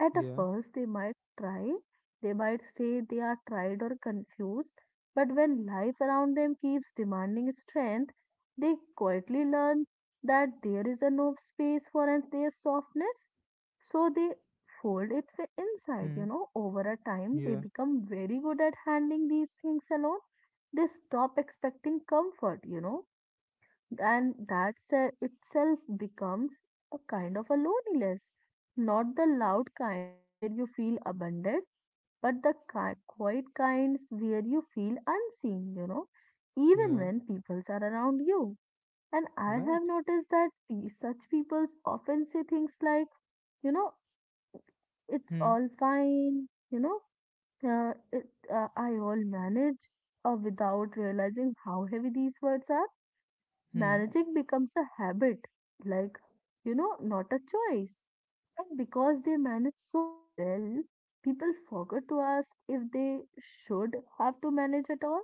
Speaker 2: At a
Speaker 1: Yeah.
Speaker 2: first, they might try, they might say they are tired or confused, but when life around them keeps demanding strength, they quietly learn that there is no space for an- their softness. So they fold it wi- inside,
Speaker 1: Hmm.
Speaker 2: you know. Over a time, they
Speaker 1: Yeah,
Speaker 2: become very good at handling these things alone. They stop expecting comfort, you know and that se- itself becomes a kind of a loneliness, not the loud kind where you feel abandoned, but the ki- quiet kinds where you feel unseen, you know, even
Speaker 1: yeah,
Speaker 2: when peoples are around you. And I have
Speaker 1: right.
Speaker 2: noticed that pe- such peoples often say things like, you know, it's
Speaker 1: Hmm,
Speaker 2: all fine, you know, uh, it, uh, I all manage, or without realizing how heavy these words are.
Speaker 1: hmm.
Speaker 2: Managing becomes a habit, like, you know, not a choice. And because they manage so well, people forget to ask if they should have to manage at all.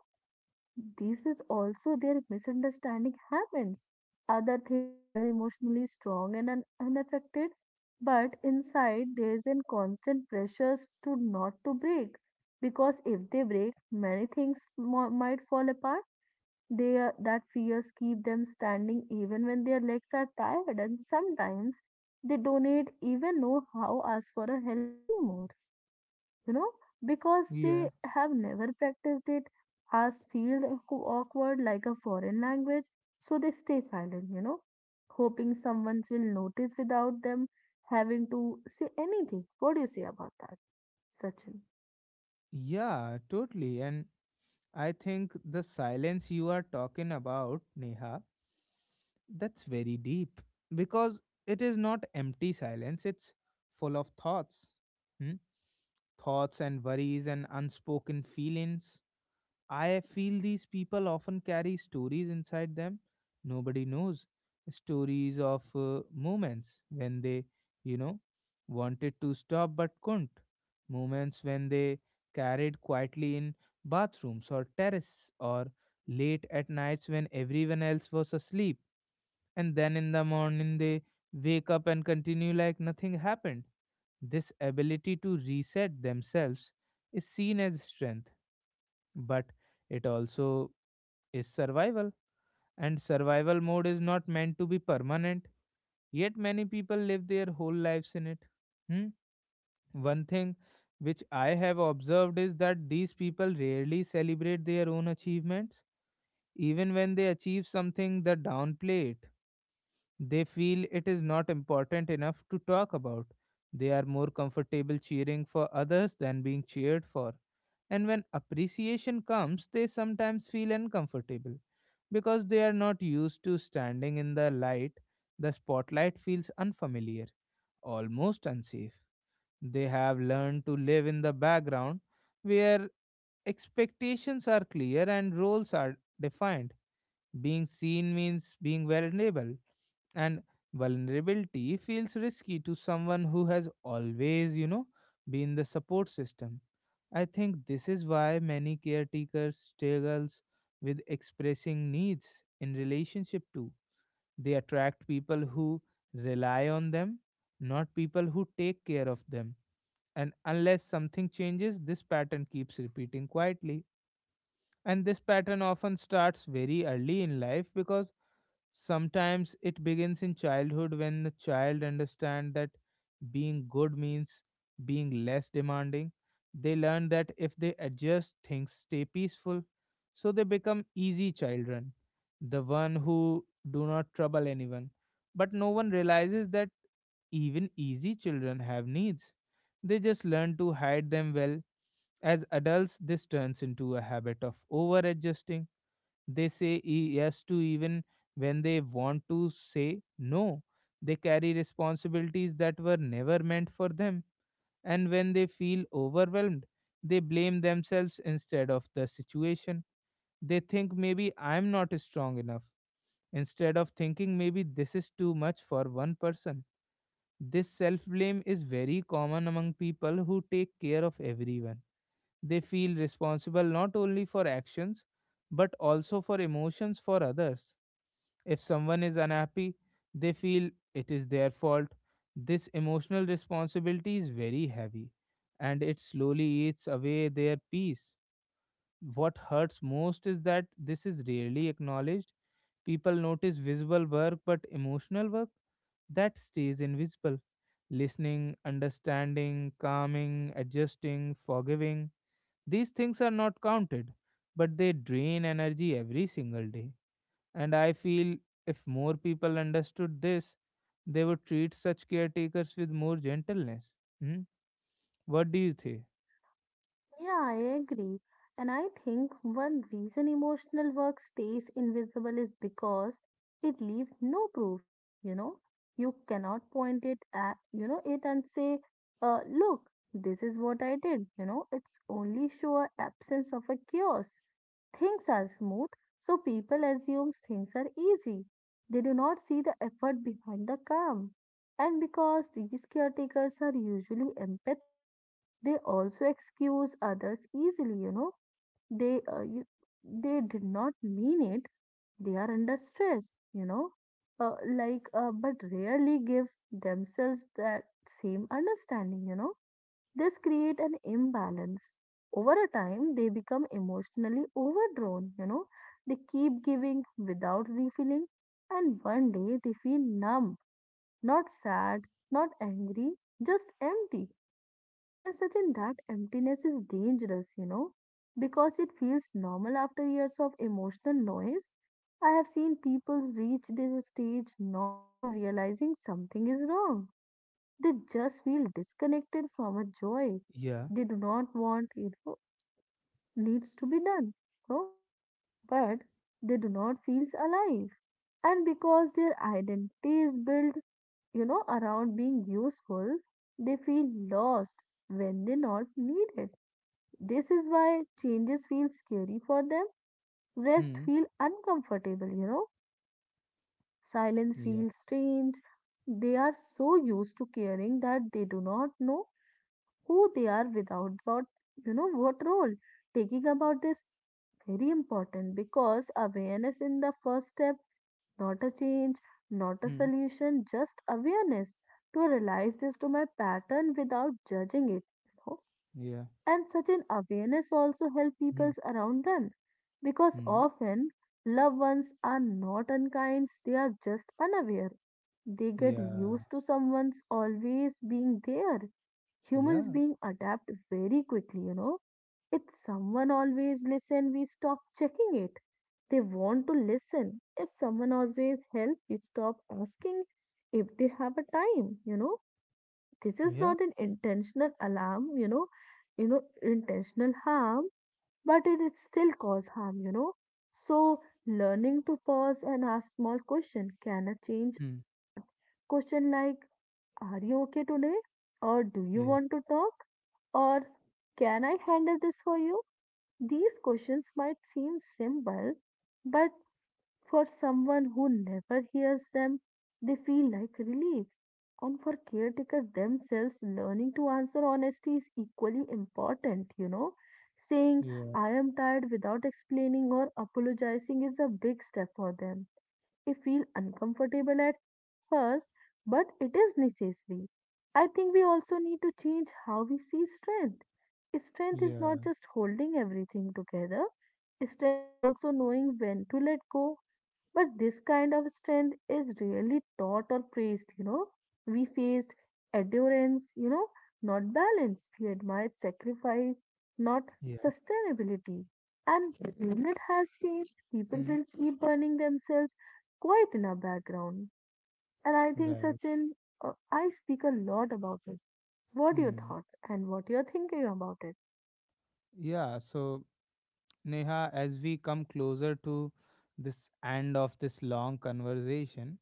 Speaker 2: This is also their misunderstanding happens. Other things they are emotionally strong and un- unaffected, but inside there is a constant pressures to not to break because if they break, many things mo- might fall apart they are- that fears keep them standing even when their legs are tired, and sometimes they don't even know how ask for a help anymore. You know, because
Speaker 1: Yeah,
Speaker 2: they have never practiced it, as feel awkward like a foreign language, so they stay silent. You know, hoping someone will notice without them having to say anything. What do you say about that, Sachin?
Speaker 1: yeah, totally. And I think the silence you are talking about, Neha, that's very deep because it is not empty silence, it's full of thoughts. Hmm? Thoughts and worries and unspoken feelings. I feel these people often carry stories inside them nobody knows. Stories of uh, moments when they, you know, wanted to stop but couldn't. Moments when they carried quietly in bathrooms or terrace or late at nights when everyone else was asleep. And then in the morning they wake up and continue like nothing happened. This ability to reset themselves is seen as strength, but it also is survival, and survival mode is not meant to be permanent, yet many people live their whole lives in it. Hmm? One thing which I have observed is that these people rarely celebrate their own achievements. Even when they achieve something they downplay it. They feel it is not important enough to talk about. They are more comfortable cheering for others than being cheered for, and when appreciation comes they sometimes feel uncomfortable. Because they are not used to standing in the light, the spotlight feels unfamiliar, almost unsafe. They have learned to live in the background where expectations are clear and roles are defined. Being seen means being vulnerable, and vulnerability feels risky to someone who has always, you know, been the support system. I think this is why many caretakers struggles with expressing needs in relationship too. They attract people who rely on them, not people who take care of them. And unless something changes, this pattern keeps repeating quietly. And this pattern often starts very early in life, because sometimes it begins in childhood when the child understand that being good means being less demanding. They learn that if they adjust, things stay peaceful. So they become easy children, the one who do not trouble anyone. But no one realizes that even easy children have needs, they just learn to hide them well. As adults, this turns into a habit of over adjusting. They say e- yes to even when they want to say no. They carry responsibilities that were never meant for them. And when they feel overwhelmed, they blame themselves instead of the situation. They think maybe I'm not strong enough, instead of thinking maybe this is too much for one person. This self blame is very common among people who take care of everyone. They feel responsible not only for actions but also for emotions for others. If someone is unhappy, they feel it is their fault. This emotional responsibility is very heavy and it slowly eats away their peace. What hurts most is that this is rarely acknowledged. People notice visible work, but emotional work that stays invisible: listening, understanding, calming, adjusting, forgiving. These things are not counted, but they drain energy every single day. And I feel if more people understood this, they would treat such caretakers with more gentleness. Hmm? What do you think?
Speaker 2: Yeah, I agree. And I think one reason emotional work stays invisible is because it leaves no proof, you know. You cannot point it at, you know, it and say, uh, look, this is what I did, you know. It's only show a absence of a chaos. Things are smooth, so people assume things are easy. They do not see the effort behind the calm. And because these caretakers are usually empathic, they also excuse others easily you know they uh, you, they did not mean it they are under stress you know uh, like uh, but rarely give themselves that same understanding you know This create an imbalance over a time they become emotionally overdrawn you know They keep giving without refilling and one day they feel numb not sad not angry just empty and Sachin, that emptiness is dangerous, you know, because it feels normal after years of emotional noise. I have seen people reach this stage not even realizing something is wrong. They just feel disconnected from a joy.
Speaker 1: Yeah.
Speaker 2: They do not want it o- needs to be done. Oh, but they do not feel alive. And because their identity is built, you know, around being useful, they feel lost when they not needed. This is why changes feel scary for them. Rest
Speaker 1: Hmm.
Speaker 2: feel uncomfortable, you know. Silence
Speaker 1: Yeah.
Speaker 2: feels strange. They are so used to caring that they do not know who they are without what, you know, what role. Taking about this very important because awareness in the first step, not a change, not a
Speaker 1: Hmm.
Speaker 2: solution, just awareness to realize this to my pattern without judging it. you know.
Speaker 1: Yeah.
Speaker 2: And such an awareness also helps
Speaker 1: Hmm.
Speaker 2: people around them because
Speaker 1: Hmm.
Speaker 2: often loved ones are not unkind, they are just unaware. They get
Speaker 1: Yeah.
Speaker 2: used to someone's always being there. Humans
Speaker 1: Yeah.
Speaker 2: being adapt very quickly, you know. If someone always listen, we stop checking it. They want to listen. If someone always help, we stop asking if they have a time, you know this is
Speaker 1: Yeah.
Speaker 2: not an intentional alarm, you know, you know, intentional harm, but it is still cause harm, you know. So learning to pause and ask small question can a change
Speaker 1: Hmm.
Speaker 2: a lot. Question like, are you okay today? Or do you
Speaker 1: Yeah.
Speaker 2: want to talk? Or can I handle this for you? These questions might seem simple, but for someone who never hears them, they feel like relief and for caretakers themselves, learning to answer honesty is equally important, you know. Saying,
Speaker 1: Yeah.
Speaker 2: I am tired without explaining or apologizing is a big step for them. It feels uncomfortable at first, but it is necessary. I think we also need to change how we see strength. Strength is not
Speaker 1: Yeah.
Speaker 2: just holding everything together, strength is also knowing when to let go but this kind of strength is rarely taught or praised, you know. We faced endurance, you know, not balance. We admired sacrifice, not
Speaker 1: Yeah.
Speaker 2: sustainability. And movement has changed. People
Speaker 1: Hmm.
Speaker 2: will keep burning themselves quite in our background. And I think,
Speaker 1: Right.
Speaker 2: Sachin, uh, I speak a lot about it. What do you
Speaker 1: Hmm.
Speaker 2: thought and what you're thinking about it?
Speaker 1: Yeah. So Neha, as we come closer to this end of this long conversation,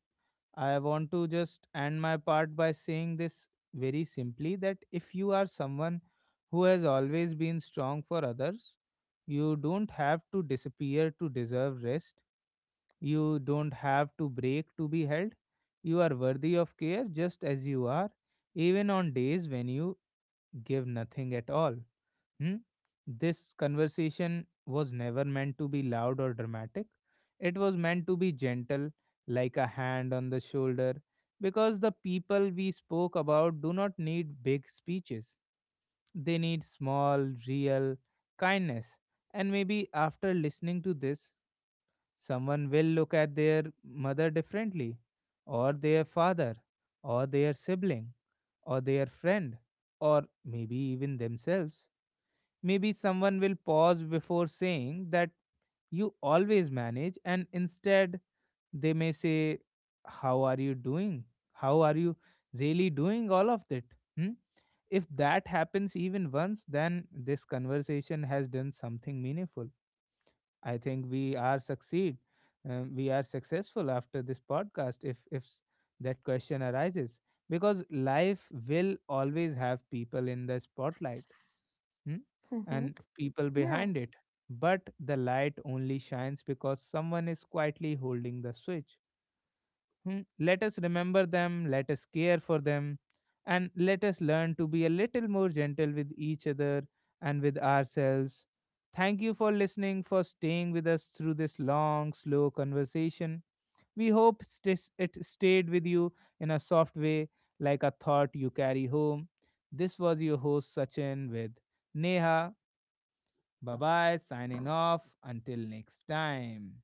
Speaker 1: I want to just end my part by saying this very simply, that if you are someone who has always been strong for others, you don't have to disappear to deserve rest. You don't have to break to be held. You are worthy of care just as you are, even on days when you give nothing at all. Hmm? This conversation was never meant to be loud or dramatic. It was meant to be gentle, like a hand on the shoulder, because the people we spoke about do not need big speeches. They need small, real kindness. And maybe after listening to this, someone will look at their mother differently, or their father, or their sibling, or their friend, or maybe even themselves. Maybe someone will pause before saying that you always manage, and instead they may say, how are you doing? How are you really doing all of it? Hmm? If that happens even once, then this conversation has done something meaningful. I think we are succeed. Um, we are successful after this podcast if if s- that question arises, because life will always have people in the spotlight, hmm,
Speaker 2: Mm-hmm.
Speaker 1: and people
Speaker 2: Yeah,
Speaker 1: behind it. But the light only shines because someone is quietly holding the switch. Hmm, let us remember them, let us care for them, and let us learn to be a little more gentle with each other and with ourselves. Thank you for listening, for staying with us through this long, slow conversation. We hope stis- it stayed with you in a soft way, like a thought you carry home. This was your host, Sachin, with Neha. Bye bye, signing off. Until next time.